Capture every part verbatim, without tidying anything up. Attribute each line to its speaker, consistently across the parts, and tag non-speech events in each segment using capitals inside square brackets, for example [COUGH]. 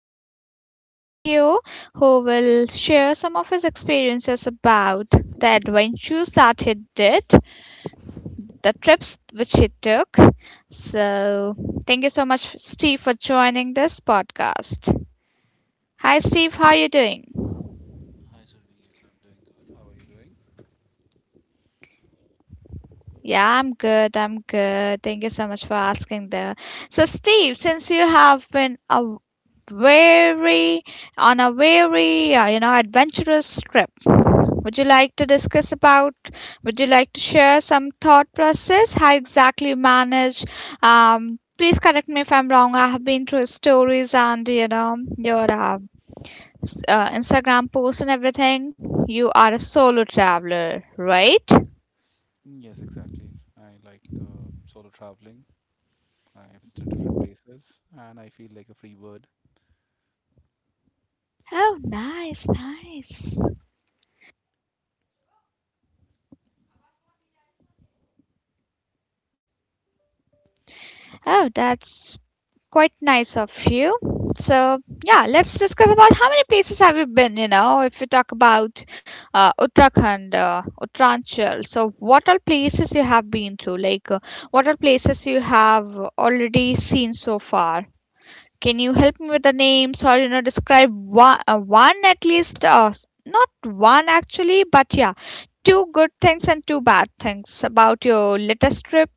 Speaker 1: and host Steve here who will share some of his experiences about the adventures that he did, the trips which he took. So, thank you so much Steve for joining this podcast. Hi Steve, how are you doing?
Speaker 2: Hi, Surbi. Yes, I'm doing good. How are you doing?
Speaker 1: Yeah, I'm good. I'm good. Thank you so much for asking there. So, Steve, since you have been a very on a very uh, you know adventurous trip, would you like to discuss about? Would you like to share some thought process? How exactly you manage? Um, please correct me if I'm wrong. I have been through stories and you know your uh, s- uh, Instagram posts and everything. You are a solo traveler, right?
Speaker 2: Mm, yes, exactly. I like um, solo traveling. I visit different places and I feel like a free bird.
Speaker 1: Oh, nice, nice.
Speaker 2: Okay.
Speaker 1: Oh, that's quite nice of you. So, yeah, let's discuss about how many places have you been, you know, if we talk about uh, Uttarakhand, uh, Uttaranchal. So, what all places you have been to? Like, uh, what all places you have already seen so far? Can you help me with the names or, you know, describe one, uh, one at least, uh, s- not one actually, but yeah, two good things and two bad things about your latest trip?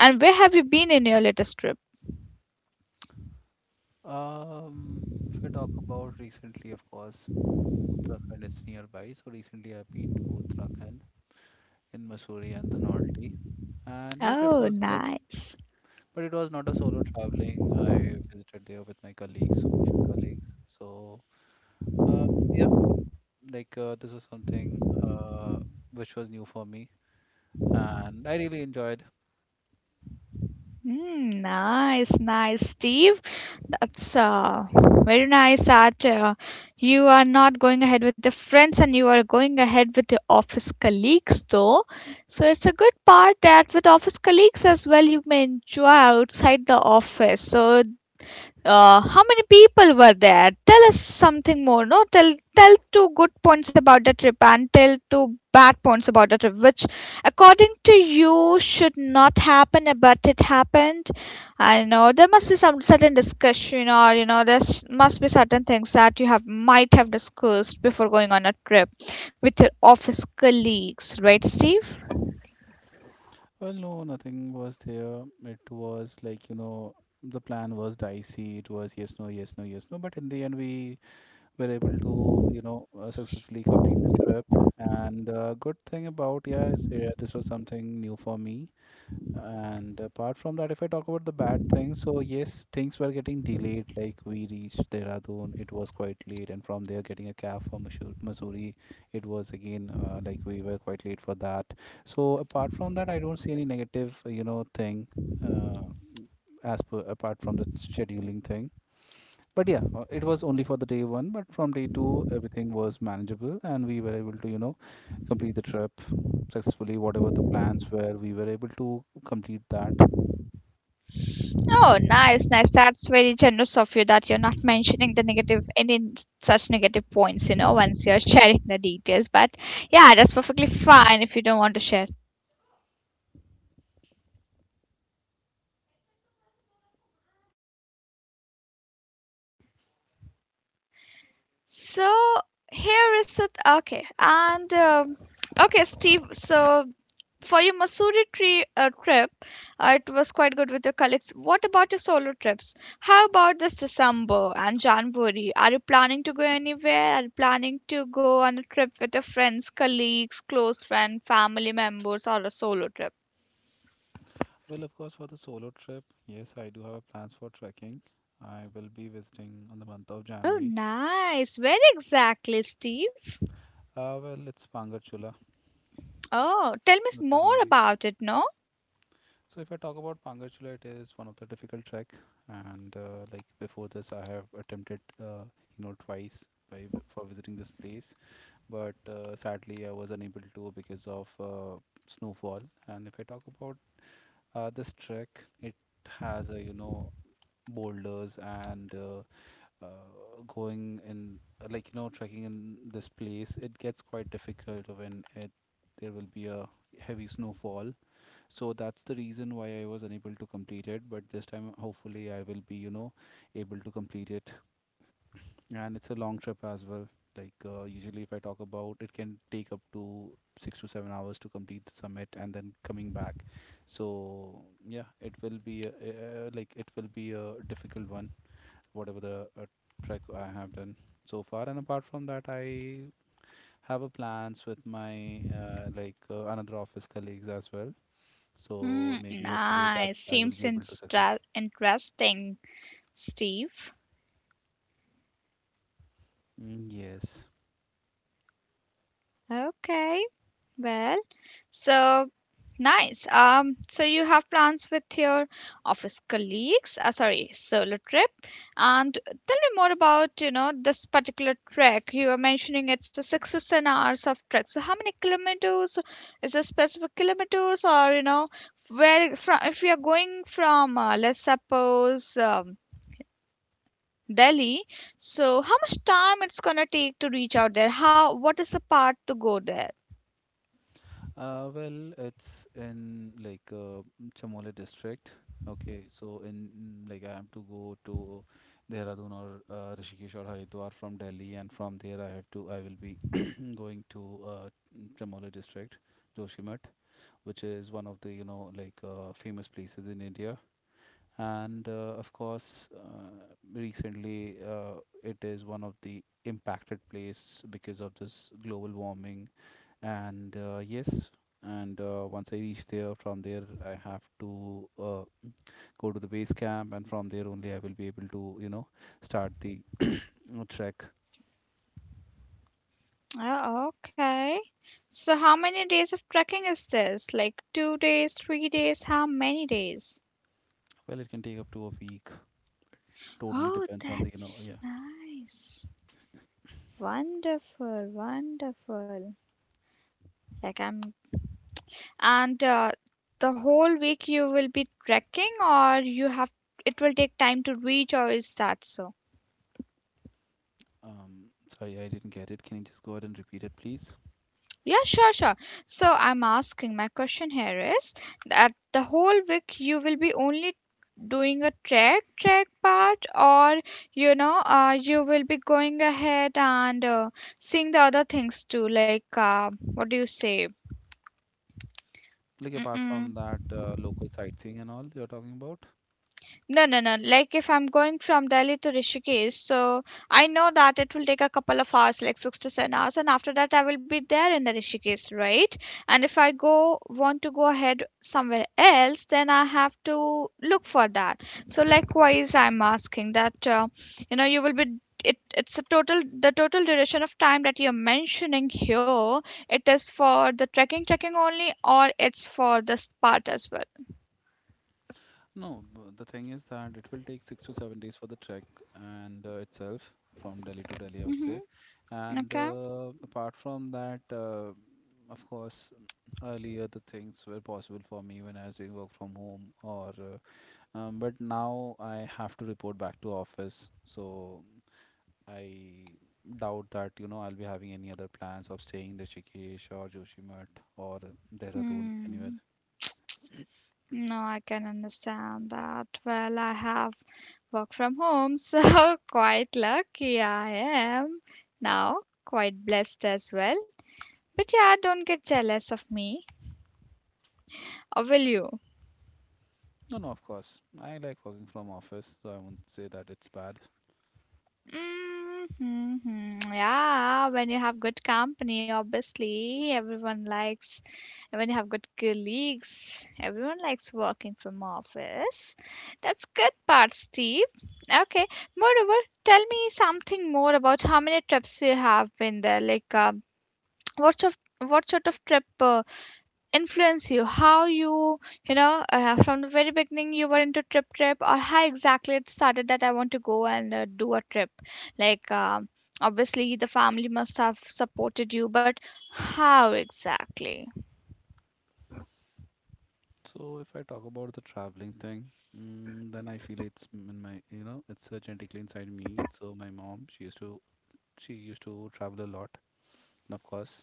Speaker 1: And where have you been in your latest trip?
Speaker 2: Um, if I talk about recently, of course, um, Uttarakhand is nearby. So recently I've been to Uttarakhand in Mussoorie and the Novelty. And yeah, trip
Speaker 1: Oh,
Speaker 2: was good,
Speaker 1: nice.
Speaker 2: but it was not a solo traveling. I visited there with my colleagues, office colleagues. So um, yeah, like uh, this was something uh, which was new for me, and I really enjoyed.
Speaker 1: Hmm, nice, nice, Steve. That's uh, very nice that uh, you are not going ahead with your friends and you are going ahead with your office colleagues, though. So it's a good part that with office colleagues as well, you may enjoy outside the office. So Uh, how many people were there? Tell us something more. No, tell tell two good points about the trip and tell two bad points about the trip, which according to you should not happen, uh, but it happened. I know there must be some certain discussion, or you know, there s- must be certain things that you have might have discussed before going on a trip with your office colleagues, right, Steve?
Speaker 2: Well, no, nothing was there. It was like you know the plan was dicey. It was yes, no, yes, no, yes, no. But in the end, we were able to you know uh, successfully complete the trip. And uh, good thing about yeah, is, uh, this was something new for me. And apart from that, if I talk about the bad things, so yes, things were getting delayed. Like we reached Dehradun, it was quite late, and from there, getting a cab for Missouri, Missouri, it was again uh, like we were quite late for that. So apart from that, I don't see any negative, uh, you know, thing uh, as per apart from the scheduling thing. But yeah, uh, it was only for the day one. But from day two, everything was manageable, and we were able to, you know, complete the trip successfully. Whatever the plans were, we were able to complete that.
Speaker 1: Oh, nice, nice. That's very generous of you that you're not mentioning the negative, any such negative points, you know, once you're [LAUGHS] sharing the details. But yeah, that's perfectly fine if you don't want to share. So here is it. Okay, and um okay, Steve. So for your Masuri tree, uh, trip, uh, it was quite good with your colleagues. What about your solo trips? How about this December and January? Are you planning to go anywhere? Are you planning to go on a trip with your friends, colleagues, close friend, family members, or a solo trip?
Speaker 2: Well, of course, for the solo trip, yes, I do have a plans for trekking. I will be visiting on the month of
Speaker 1: Oh,
Speaker 2: January.
Speaker 1: nice. Where exactly, Steve?
Speaker 2: Uh, well, it's Pangarchula,
Speaker 1: Oh, tell me s- more
Speaker 2: Uttarakhand only.
Speaker 1: about it, no?
Speaker 2: So if I talk about Pangarchula, it is one of the difficult trek, and uh, like before this, I have attempted, uh, you know, twice by, vi- for visiting this place, but uh, sadly, I was unable to because of uh, snowfall. And if I talk about uh, this trek, it has a you know boulders and uh, uh, going in uh, like you know trekking in this place it gets quite difficult when it there will be a heavy snowfall. So that's the reason why I was unable to complete it, but this time hopefully I will be you know able to complete it. And it's a long trip as well. Like uh, usually if I talk about it can take up to six to seven hours to complete the summit and then coming back. So yeah, it will be a, uh, like it will be a difficult one, whatever the uh, trek I have done so far. And apart from that, I have a plans with my uh, like uh, another office colleagues as well. So
Speaker 1: Hmm,
Speaker 2: maybe hopefully that
Speaker 1: nice.
Speaker 2: I will
Speaker 1: Seems
Speaker 2: be able to
Speaker 1: instra-
Speaker 2: success.
Speaker 1: interesting, Steve.
Speaker 2: Mm, yes.
Speaker 1: Okay, well. So nice. Um, so you have plans with your office colleagues, uh, sorry, solo trip. And tell me more about, you know, this particular trek. You are mentioning it's a six to seven hours of trek. So how many kilometers? Is it specific kilometers or, you know, where from, if you are going from, uh, let's suppose, um, Delhi, so how much time it's gonna take to reach out there? How, what is the path to go there?
Speaker 2: Uh, well, it's in like uh, Chamole district. Okay, so in mm, like I have to go to Dehradun or uh, Rishikesh or Haridwar from Delhi, and from there I have to I will be [CLEARS THROAT] going to uh, Chamole district, Joshimath, which is one of the you know like uh, famous places in India. And uh, of course, uh, recently uh, it is one of the impacted place because of this global warming. And uh, yes, and uh, once I reach there, from there I have to uh, go to the base camp, and from there only I will be able to you know start the uh, trek.
Speaker 1: Oh, okay. So how many days of trekking is this? Like two days, three days, how many days?
Speaker 2: Well, it can take up to a week. Totally
Speaker 1: Oh,
Speaker 2: depends on the you know
Speaker 1: that's
Speaker 2: yeah.
Speaker 1: nice. Wonderful, wonderful. Like I'm and uh, the whole week you will be trekking or you have it will take time to reach or is that so?
Speaker 2: Um, Sorry, I didn't get it. Can you just go ahead and repeat it, please?
Speaker 1: Yeah, sure, sure. So I'm asking, my question here is that the whole week you will be only doing a trek trek part or you know uh, you will be going ahead and uh, seeing the other things too like uh, what do you say.
Speaker 2: Like apart
Speaker 1: Mm-mm.
Speaker 2: from that uh, local sightseeing and all you're talking about?
Speaker 1: No, no, no. Like if I'm going from Delhi to Rishikesh, so I know that it will take a couple of hours, like six to seven hours, and after that I will be there in the Rishikesh, right? And if I go want to go ahead somewhere else, then I have to look for that. So likewise, I'm asking that uh, you know you will be it. It's a total the total duration of time that you're mentioning here. It is for the trekking, trekking only, or it's for this part as well.
Speaker 2: No, b- the thing is that it will take six to seven days for the trek and uh, itself from Delhi to Delhi, I would say.
Speaker 1: Mm-hmm.
Speaker 2: And
Speaker 1: Okay.
Speaker 2: uh, apart from that, uh, of course, earlier the things were possible for me when I was doing work from home or uh, um, but now I have to report back to office. So I doubt that, you know, I'll be having any other plans of staying in Rishikesh or Joshimath or Dehradun, anywhere.
Speaker 1: Hmm. No, I can understand that. Well, I have work from home, [LAUGHS] so quite lucky I am now, quite blessed as well. But yeah, don't get jealous of me, or will you?
Speaker 2: No, no, of course. I like working from office, so I won't say that it's bad.
Speaker 1: Mm-hmm. Yeah, when you have good company, obviously, everyone likes. And when you have good colleagues, everyone likes working from office. That's good part, Steve. Okay. Moreover, tell me something more about how many trips you have been there. Like, um what sort of what sort of trip uh, influence you? How you you know uh, from the very beginning you were into trip trip, or how exactly it started that I want to go and uh, do a trip? Like, um, obviously the family must have supported you, but how exactly?
Speaker 2: So if I talk about the traveling thing, mm, then I feel it's m- in my, you know, it's uh, genetically inside me. So my mom, she used to, she used to travel a lot. And of course,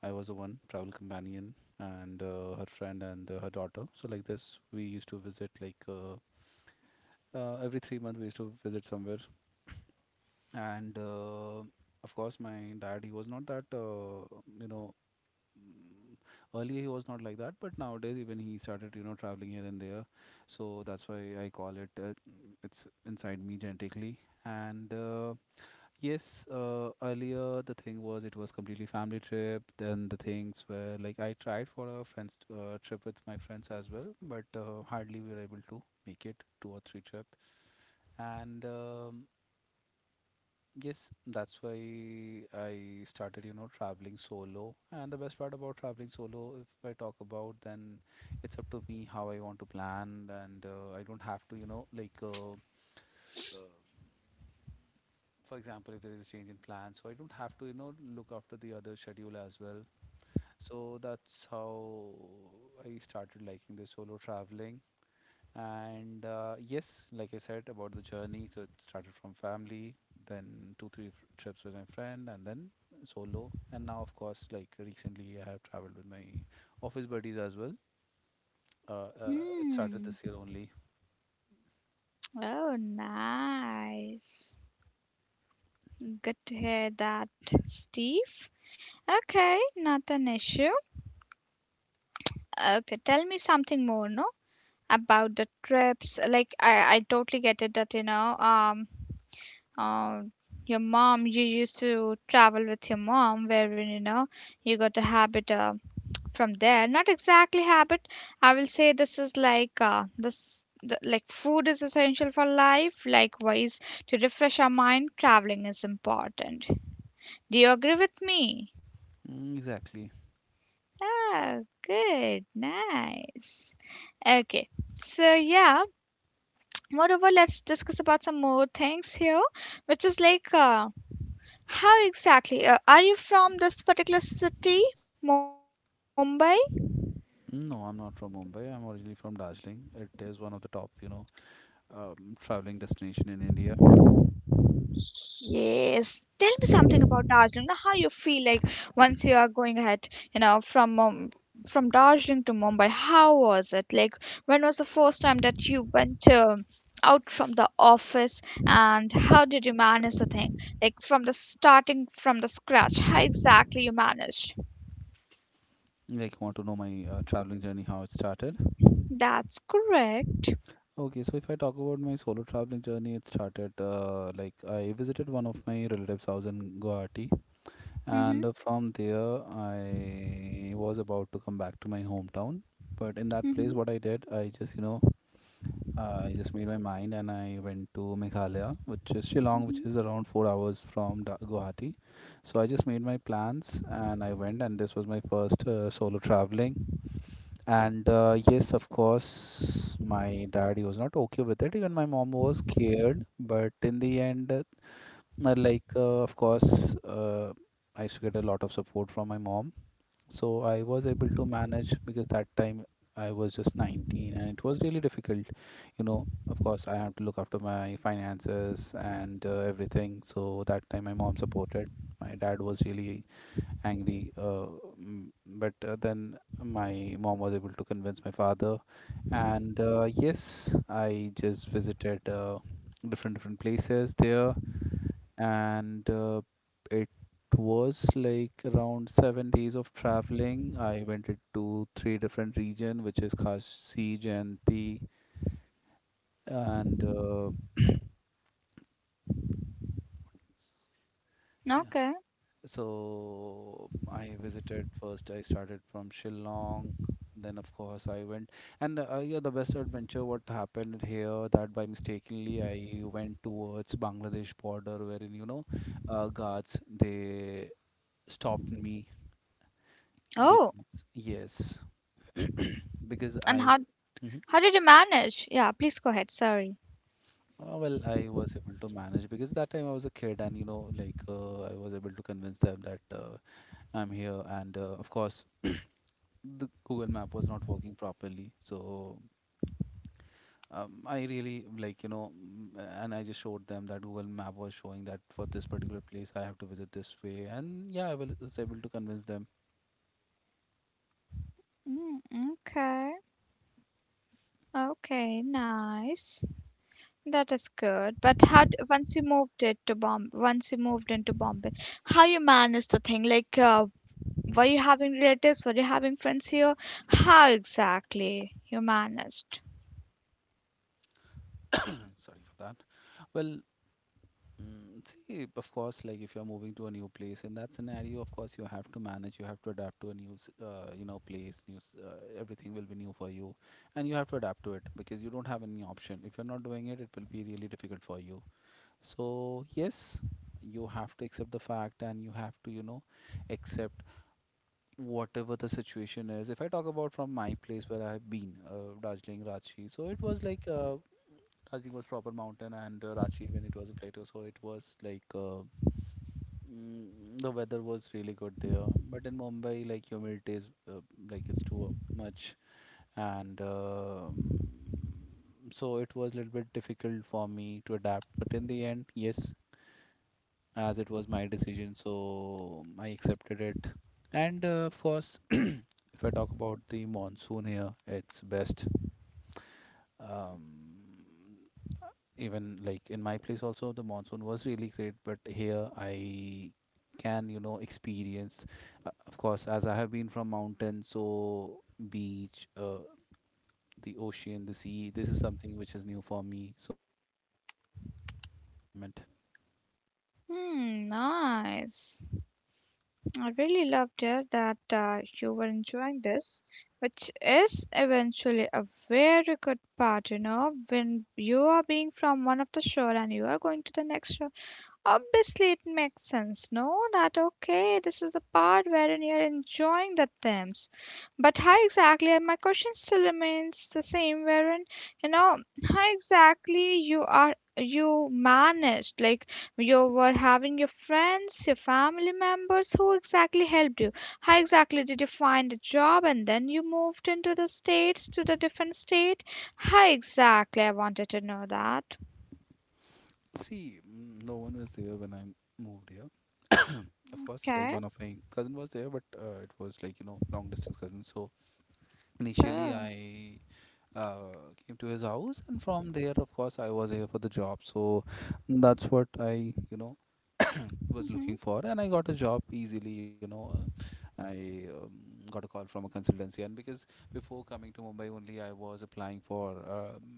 Speaker 2: I was the one travel companion and uh, her friend and uh, her daughter. So like this, we used to visit like uh, uh, every three months we used to visit somewhere. And uh, of course my dad he was not that uh, you know mm, earlier he was not like that, but nowadays even he started you know traveling here and there. So that's why I call it uh, mm, it's inside me genetically. And uh, yes, uh, earlier the thing was it was completely family trip. Then the things were like I tried for a friends uh, trip with my friends as well, but uh, hardly we were able to make it two or three trip. And um, yes, that's why I started, you know, traveling solo. And the best part about traveling solo, if I talk about, then it's up to me how I want to plan, and uh, I don't have to, you know, like uh, for example, if there is a change in plan, so I don't have to, you know, look after the other schedule as well. So that's how I started liking the solo traveling. And uh, yes, like I said about the journey, so it started from family, then two, three f- trips with my friend, and then solo. And now, of course, like recently, I have traveled with my office buddies as well. Uh, uh, it started
Speaker 1: Hmm.
Speaker 2: this year only.
Speaker 1: Oh, nice. Good to hear that, Steve. Okay, not an issue. Okay, tell me something more, no? About the trips. Like, I, I totally get it that, you know, um, um, your mom, you used to travel with your mom, wherein, you know, you got a habit uh, from there. Not exactly habit. I will say this is like, uh, this, the, like, food is essential for life. Likewise, to refresh our mind, traveling is important. Do you agree with me?
Speaker 2: Mm, exactly.
Speaker 1: Oh, good, nice. Okay, so yeah, moreover, let's discuss about some more things here, which is like uh, how exactly uh, are you from this particular city, Mumbai?
Speaker 2: No, I'm not from Mumbai. I'm originally from Darjeeling. It is one of the top, you know, um, traveling destination in India.
Speaker 1: Yes. Tell me something about Darjeeling. Now, how you feel like once you are going ahead, you know, from um, from Darjeeling to Mumbai? How was it? Like, when was the first time that you went um out from the office, and how did you manage the thing? Like from the starting from the scratch, how exactly you managed?
Speaker 2: Like, want to know my uh, traveling journey, how it started?
Speaker 1: That's correct.
Speaker 2: Okay, so if I talk about my solo traveling journey, it started uh, like I visited one of my relatives' house in Guwahati, and uh,
Speaker 1: Mhm.
Speaker 2: from there I was about to come back to my hometown. But in that place,
Speaker 1: Mhm.
Speaker 2: what I did, I just you know, uh, I just made my mind and I went to Meghalaya, which is Shillong, which
Speaker 1: Mhm.
Speaker 2: is around four hours from Da- Guwahati. So I just made my plans and I went, and this was my first uh, solo traveling. And uh, yes, of course, my dad he was not okay with it. Even my mom was scared, but in the end, uh, uh, like uh, of course, uh, I used to get a lot of support from my mom, so I was able to manage because that time I was just nineteen, and it was really difficult. You know, of course, I had to look after my finances and uh, everything. So that time, my mom supported. My dad was really angry. Uh, mm, but uh, then my mom was able to convince my father, and uh, yes, I just visited uh, different different places there, and uh, it was like around seven days of traveling. I went to three different region, which is Khasi, Jayanti, and uh, [CLEARS THROAT] yeah.
Speaker 1: Okay.
Speaker 2: So I visited first. I started from Shillong. Then of course I went, and uh, yeah, the best adventure what happened here that by mistakenly I went towards Bangladesh border wherein you know, uh, guards they stopped me
Speaker 1: Oh,
Speaker 2: because yes, [COUGHS] [CLEARS THROAT] because
Speaker 1: and
Speaker 2: I.
Speaker 1: how
Speaker 2: Mhm.
Speaker 1: how did you manage? Yeah, please go ahead. Sorry.
Speaker 2: Uh, well, I was able to manage because that time I was a kid, and you know, like uh, I was able to convince them that uh, I'm here, and uh, of course the Google Map was not working properly. So um, I really like you know, mm, and I just showed them that Google Map was showing that for this particular place I have to visit this way, and yeah, I will, was able to convince them.
Speaker 1: Mm, okay. Okay, nice. That is good. But how d once you moved it to Bomb once you moved into Bombay, how you managed the thing? Like, uh, were you having relatives? Were you having friends here? How exactly you managed?
Speaker 2: [COUGHS] [CLEARS THROAT] Sorry for that. Well, mm, see, of course, like if you're moving to a new place, in that scenario, of course you have to manage, you have to adapt to a new, s- uh, you know, place, new, s- uh, everything will be new for you, and you have to adapt to it because you don't have any option. If you're not doing it, it will be really difficult for you. So, yes, you have to accept the fact and you have to, you know, accept whatever the situation is. If I talk about from my place where I have been, uh, Darjeeling, Ranchi, so it was like uh, Darjeeling was proper mountain and uh, Ranchi when it was a plateau, so it was like uh, mm, the weather was really good there. But in Mumbai, like humidity is uh, like it's too much and um so it was a little bit difficult for me to adapt. But in the end, yes. As it was my decision, so I accepted it. And uh, of course, [CLEARS THROAT] if I talk about the monsoon here, it's best. um, Even like in my place also the monsoon was really great, but here I can, you know, experience. Uh, of course, as I have been from mountain, so beach uh, the ocean, the sea, this is something which is new for me, so it, I really like it, the new environment.
Speaker 1: Hmm, nice. I really loved it that uh, you were enjoying this, which is eventually a very good part, you know, when you are being from one of the shore and you are going to the next shore. Obviously, it makes sense. No, that okay. This is the part wherein you're enjoying the themes. But how exactly, and my question still remains the same, wherein, you know, how exactly you are, you managed, like you were having your friends, your family members, who exactly helped you? How exactly did you find a job and then you moved into the states, to the different state? How exactly? I wanted to know that.
Speaker 2: See, mm, no one was there when I moved here. Of course, like
Speaker 1: Okay.
Speaker 2: one of my cousin was there, but uh, it was, like, you know, long distance cousin. So initially
Speaker 1: Oh.
Speaker 2: I uh, came to his house, and from there, of course, I was here for the job. So that's what I, you know, was looking
Speaker 1: Mm-hmm.
Speaker 2: for, and I got a job easily, you know. Uh, i um, got a call from a consultancy, and because before coming to Mumbai only, I was applying for, um,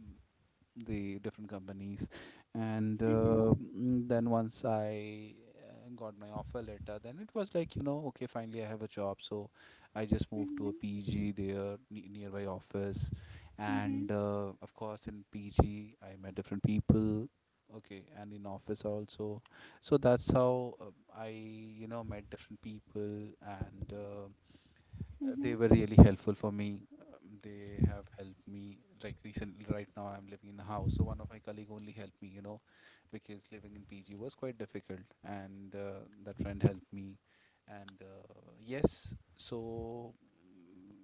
Speaker 2: the different companies. and
Speaker 1: Mm-hmm.
Speaker 2: uh, mm, then once I uh, got my offer letter, then it was like, you know, okay, finally I have a job. So I just moved to
Speaker 1: Mhm,
Speaker 2: a PG there ne- nearby office.
Speaker 1: mhm,
Speaker 2: And uh, of course, in PG I met different people, okay, and in office also. So that's how uh, I, you know, met different people. And uh, uh,
Speaker 1: mhm.
Speaker 2: They were really helpful for me. Um, They have helped me. Like recently, right now, I'm living in a house, so one of my colleague only helped me, you know, because living in P G was quite difficult, and uh, that friend helped me. And uh, yes, so mm,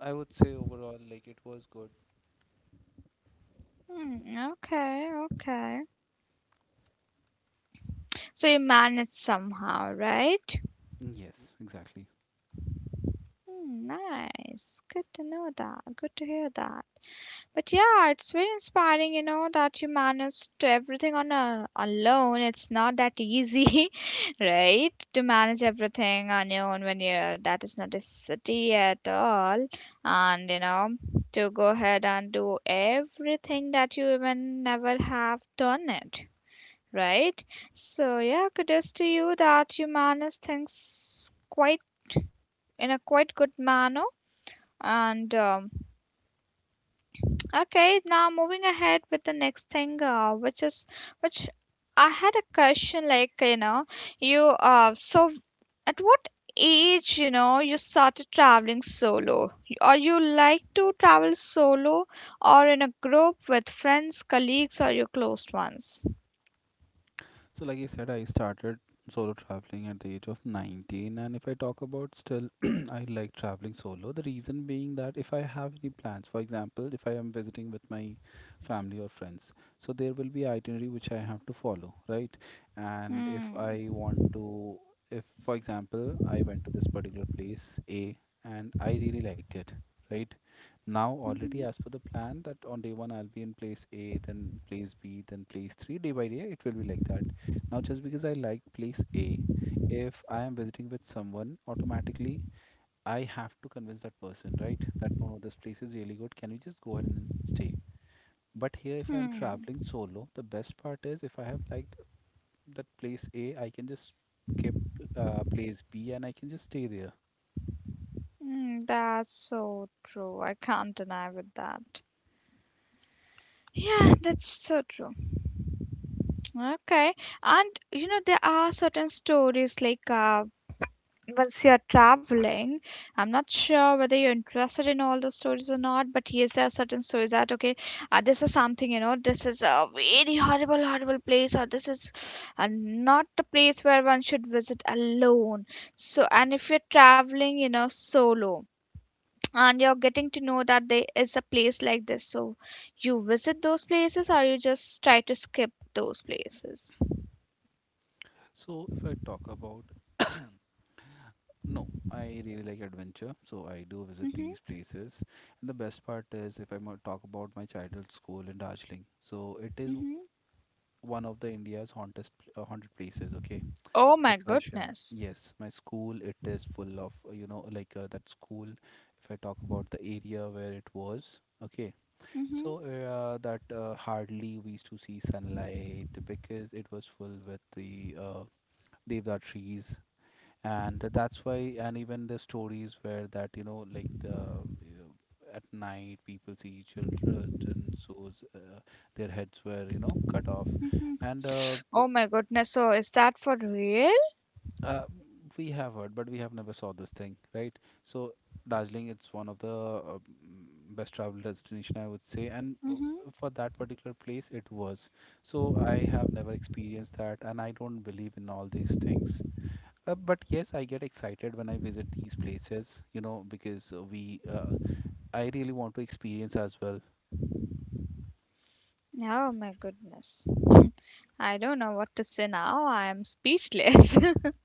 Speaker 2: I would say overall, like it was good.
Speaker 1: Mm, okay, okay. So you managed somehow, right?
Speaker 2: Yes, exactly.
Speaker 1: Mm, nice. Good to know that. Good to hear that. But yeah, it's very inspiring, you know, that you managed to everything on a alone. It's not that easy, [LAUGHS] right? To manage everything on your own when you're that is not a city at all, and you know, to go ahead and do everything that you even never have done it, right? So yeah, kudos to you that you manage things quite in a quite good manner. And um, okay, now moving ahead with the next thing, uh, which is which I had a question like you know you uh so at what age you know you started traveling solo? Or you like to travel solo or in a group with friends, colleagues, or your close ones?
Speaker 2: So, like I said, I started solo traveling at the age of nineteen. And if I talk about still, [CLEARS THROAT] I like traveling solo. The reason being that if I have any plans, for example, if I am visiting with my family or friends, so there will be itinerary which I have to follow, right? And if
Speaker 1: Hmm.
Speaker 2: I want to, if for example, I went to this particular place A and I really liked it, right? Now already as
Speaker 1: Mhm.
Speaker 2: per the plan that on day one I'll be in place A, then place B, then place three. Day by day, it will be like that. Now, just because I like place A, if I am visiting with someone, automatically I have to convince that person, right? That no, no, this place is really good. Can we just go ahead and stay? But here, if I'm
Speaker 1: Hmm.
Speaker 2: traveling solo, the best part is if I have liked that place A, I can just skip uh, place B, and I can just stay there.
Speaker 1: Mm, that's so true. I can't deny with that. Yeah, that's so true. Okay. And you know, there are certain stories like uh, once you're traveling, I'm not sure whether you're interested in all those stories or not, but yes, there are certain stories that, okay, uh, this is something, you know, this is a very horrible, horrible place, or this is uh, not a place where one should visit alone. So, and if you're traveling, you know, solo and you're getting to know that there is a place like this. So you visit those places or you just try to skip those places.
Speaker 2: So, if I talk about, no, I really like adventure, so I do visit these
Speaker 1: Hmm.
Speaker 2: places. And the best part is if I mo- talk about my childhood school in Darjeeling. So it is
Speaker 1: Hmm.
Speaker 2: one of the India's hauntest, uh, haunted places. Okay,
Speaker 1: Oh my
Speaker 2: like Kashan.
Speaker 1: goodness.
Speaker 2: Yes, my school. It is full of, uh, you know, like, uh, that school. If I talk about the area where it was. Okay,
Speaker 1: Hmm.
Speaker 2: so uh, that uh, hardly we used to see sunlight, because it was full with the, uh, devdar trees, and that's why. And even the stories where that, you know, like the uh, at night people see children, so uh, their heads were, you know, cut off.
Speaker 1: Hmm.
Speaker 2: And uh,
Speaker 1: Oh my goodness. So is that for real?
Speaker 2: Uh, we have heard, but we have never saw this thing, right? So Darjeeling, it's one of the, uh, mm, best travel destination, I would say, and uh,
Speaker 1: Hmm.
Speaker 2: for that particular place, it was. So I have never experienced that, and I don't believe in all these things. Uh, but yes, I get excited when I visit these places, you know, because uh, we, uh, I really want to experience as well.
Speaker 1: Oh my goodness. I don't know what to say now. I am speechless. [LAUGHS]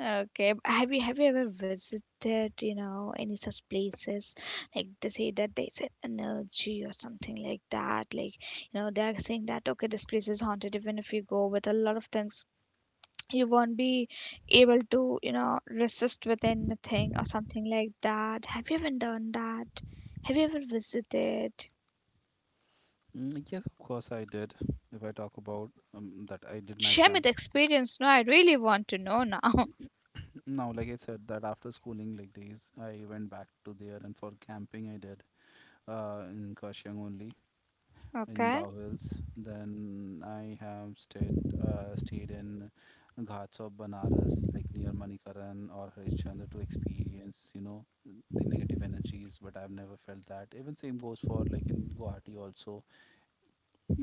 Speaker 1: Okay. b- Have you have you ever visited, you know, any such places? Like they say that there's an energy or something like that. Like, you know, they are saying that okay, this place is haunted. Even if you go with a lot of things, you won't be able to, you know, resist with anything or something like that. Have you ever done that? Have you ever visited?
Speaker 2: Mm, yes, of course I did. If I talk about, um, that, I did night
Speaker 1: Share me
Speaker 2: camp.
Speaker 1: the experience. No, I really want to know now. [LAUGHS]
Speaker 2: Now, like I said, that after schooling like days, I went back to there, and for camping, I did uh, in Kashyang only, in
Speaker 1: Okay.
Speaker 2: Dow Hills. Then I have stayed uh, stayed in Ghats of Banaras, like near Manikaran or Harishchandra, to experience, you know, the negative energies. But I've never felt that. Even same goes for like in Guwahati also,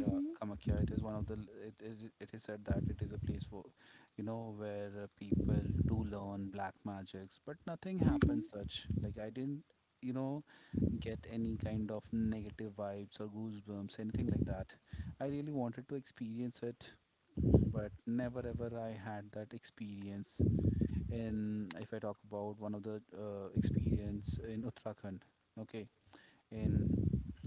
Speaker 2: uh, Kamakhya. It is one of the, it, it it is said that it is a place for, you know, where, uh, people do learn black magics, but nothing happened
Speaker 1: Mm-hmm.
Speaker 2: such. Like I didn't, you know, get any kind of negative vibes or goosebumps, anything like that. I really wanted to experience it, mm, but never ever I had that experience. In if I talk about one of the, uh, experience in Uttarakhand, okay, in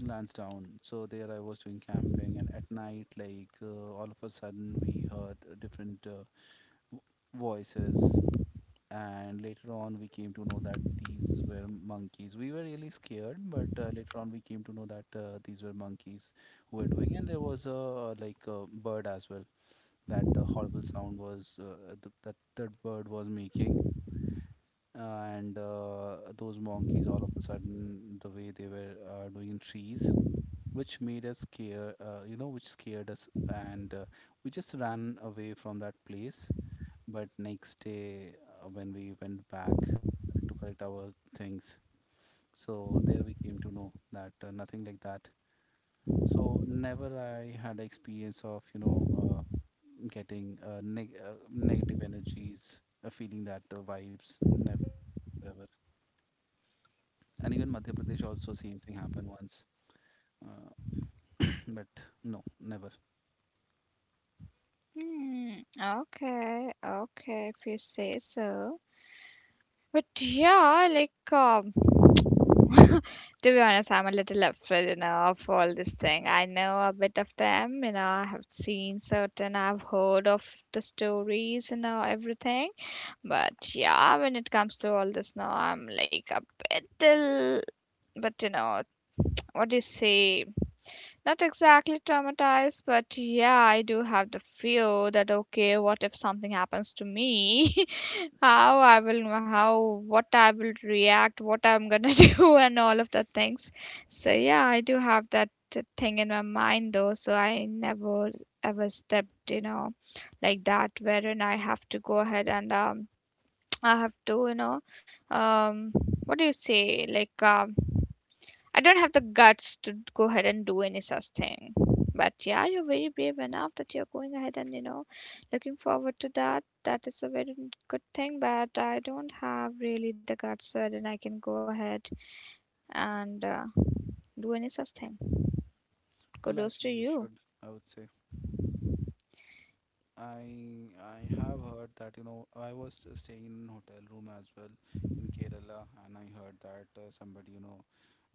Speaker 2: Lansdowne. So there I was doing camping, and at night, like, uh, all of a sudden, we heard, uh, different uh, w- voices. And later on, we came to know that these were monkeys. We were really scared, but uh, later on, we came to know that, uh, these were monkeys who were doing. And there was a, uh, like a bird as well. That uh, horrible sound was, uh, th- that that bird was making. And uh, those monkeys, all of a sudden, the way they were, uh, doing in trees, which made us scare, uh, you know, which scared us, and uh, we just ran away from that place. But next day, uh, when we went back to collect our things, so there we came to know that, uh, nothing like that. So never I had a experience of, you know, uh, getting uh, neg- uh, negative energies, uh, feeling that, uh, vibes. Never ever. And even Madhya Pradesh also same thing happened once, uh, [COUGHS] [CLEARS THROAT] but no, never.
Speaker 1: Hmm, okay, okay, if you say so. But yeah, like, um, [LAUGHS] to be honest, I'm a little afraid, you know, of all this thing. I know a bit of them, you know, I have seen certain, I've heard of the stories, you know, everything. But yeah, when it comes to all this, now I'm like a bit, ill- but you know, what do you say? Not exactly traumatized, but yeah, I do have the fear that okay, what if something happens to me? [LAUGHS] How I will, how, what I will react, what I'm gonna [LAUGHS] do, and all of the things. So yeah, I do have that uh, thing in my mind though, so I never ever stepped, you know, like that, wherein I have to go ahead and um, [TSK] I have to, you know, um, what do you say, like um I don't have the guts to go ahead and do any such thing. But yeah, you're very brave enough that you're going ahead and, you know, looking forward to that. That is a very good thing, but I don't have really the guts so then I can go ahead and uh, do any such thing.
Speaker 2: Well,
Speaker 1: Kudos to
Speaker 2: actually, you
Speaker 1: you.
Speaker 2: should, I would say. I I have heard that, you know, I was staying in hotel room as well in Kerala, and I heard that, uh, somebody, you know,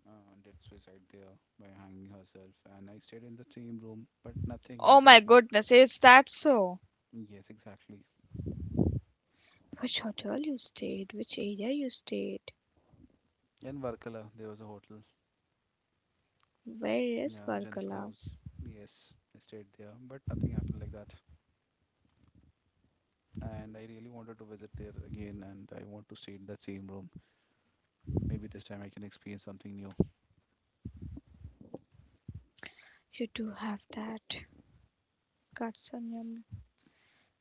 Speaker 2: uh, did suicide there by hanging herself, and I stayed in the same room, but nothing, I
Speaker 1: Oh
Speaker 2: didn't
Speaker 1: my
Speaker 2: have.
Speaker 1: goodness, is that so?
Speaker 2: Yes, exactly.
Speaker 1: Which hotel you stayed? Which area you stayed?
Speaker 2: In Varkala there was a hotel.
Speaker 1: Where is
Speaker 2: Yeah, Jennifer
Speaker 1: Varkala?
Speaker 2: House. Yes, I stayed there, but nothing happened like that. And I really wanted to visit there again, and I want to stay in that same room. Maybe this time I can experience something new.
Speaker 1: You do have that guts on your.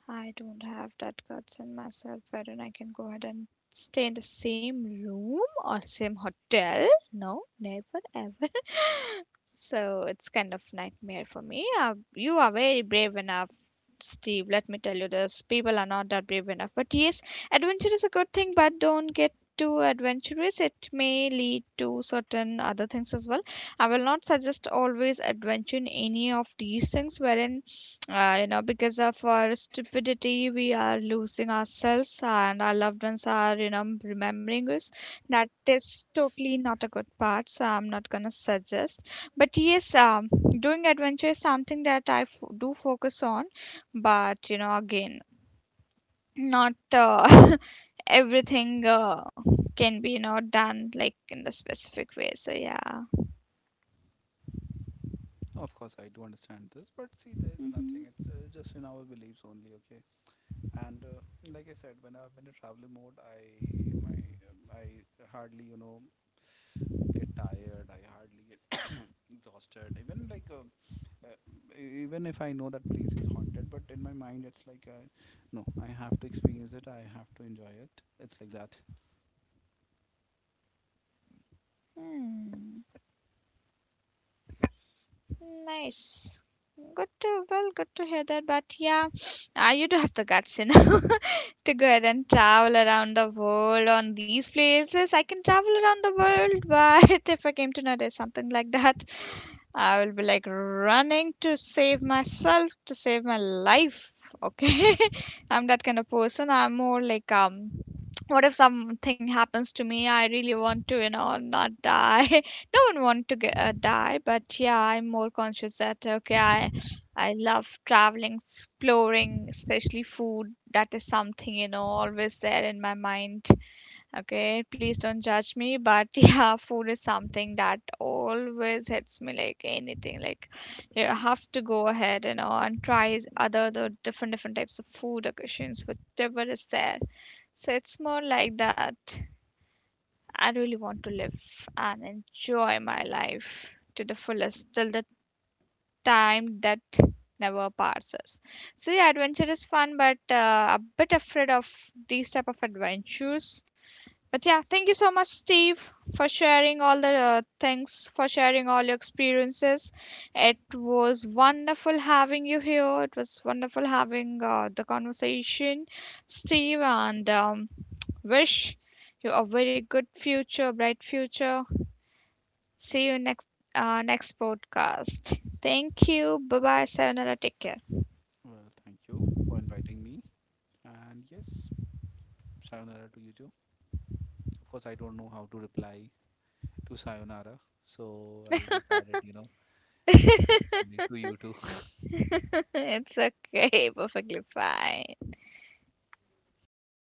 Speaker 1: I don't have that guts in myself whether I can go ahead and stay in the same room or same hotel. No, never ever. [LAUGHS] So it's kind of nightmare for me. Uh, you are very brave enough, Steve. Let me tell you this. People are not that brave enough. But yes, adventure is a good thing, but don't get too adventurous. It may lead to certain other things as well. I will not suggest always adventure in any of these things wherein, uh, you know, because of our stupidity, we are losing ourselves and our loved ones are, you know, remembering us. That is totally not a good part. So I'm not going to suggest. But yes, um, doing adventure is something that I f- do focus on, but you know, again, not uh, [LAUGHS] everything uh, can be, you know, done like in the specific way. So yeah.
Speaker 2: No, of course, I do understand this, but see, there is nothing.
Speaker 1: Hmm.
Speaker 2: It's, uh, just in our beliefs only, okay? And uh, like I said, when I'm in a traveling mode, I my um, I hardly, you know, get tired. I hardly get [COUGHS] [CLEARS THROAT] exhausted. Even like, uh, uh, e- even if I know that place is haunted, but in my mind, it's like, uh, no, I have to experience it. I have to enjoy it. It's like that.
Speaker 1: Hmm. Nice. Good to, well, good to hear that, but yeah, uh, you do have the guts, you know. [LAUGHS] To go ahead and travel around the world on these places. I can travel around the world, but [LAUGHS] if I came to know there's something like that, I will be like running to save myself, to save my life. Okay. [LAUGHS] I'm that kind of person. I'm more like, um, what if something happens to me? I really want to, you know, not die. [LAUGHS] No one want to get, uh, die, but yeah, I'm more conscious that, okay, I, I love traveling, exploring, especially food. That is something, you know, always there in my mind. Okay, please don't judge me, but [LAUGHS] yeah, food is something that always hits me like anything. Like you have to go ahead, you know, and try other the different different types of food occasions, whatever is there. So it's more like that. I really want to live and enjoy my life to the fullest till the time that never passes. So yeah, adventure is fun, but uh, a bit afraid of these type of adventures, but yeah, thank you so much, Steve, for sharing all the uh, things, for sharing all your experiences. It was wonderful having you here. It was wonderful having uh, the conversation, Steve, and um, wish you a very good future, bright future. See you next uh, next podcast. Thank you. Bye bye. Sayonara. Take care.
Speaker 2: Well, thank you for inviting me, and yes, sayonara to you too. Of course, I don't know how to reply to sayonara. So I just added, you know,
Speaker 1: [LAUGHS]
Speaker 2: English only to you too. [LAUGHS]
Speaker 1: It's okay. Perfectly fine.
Speaker 2: Okay.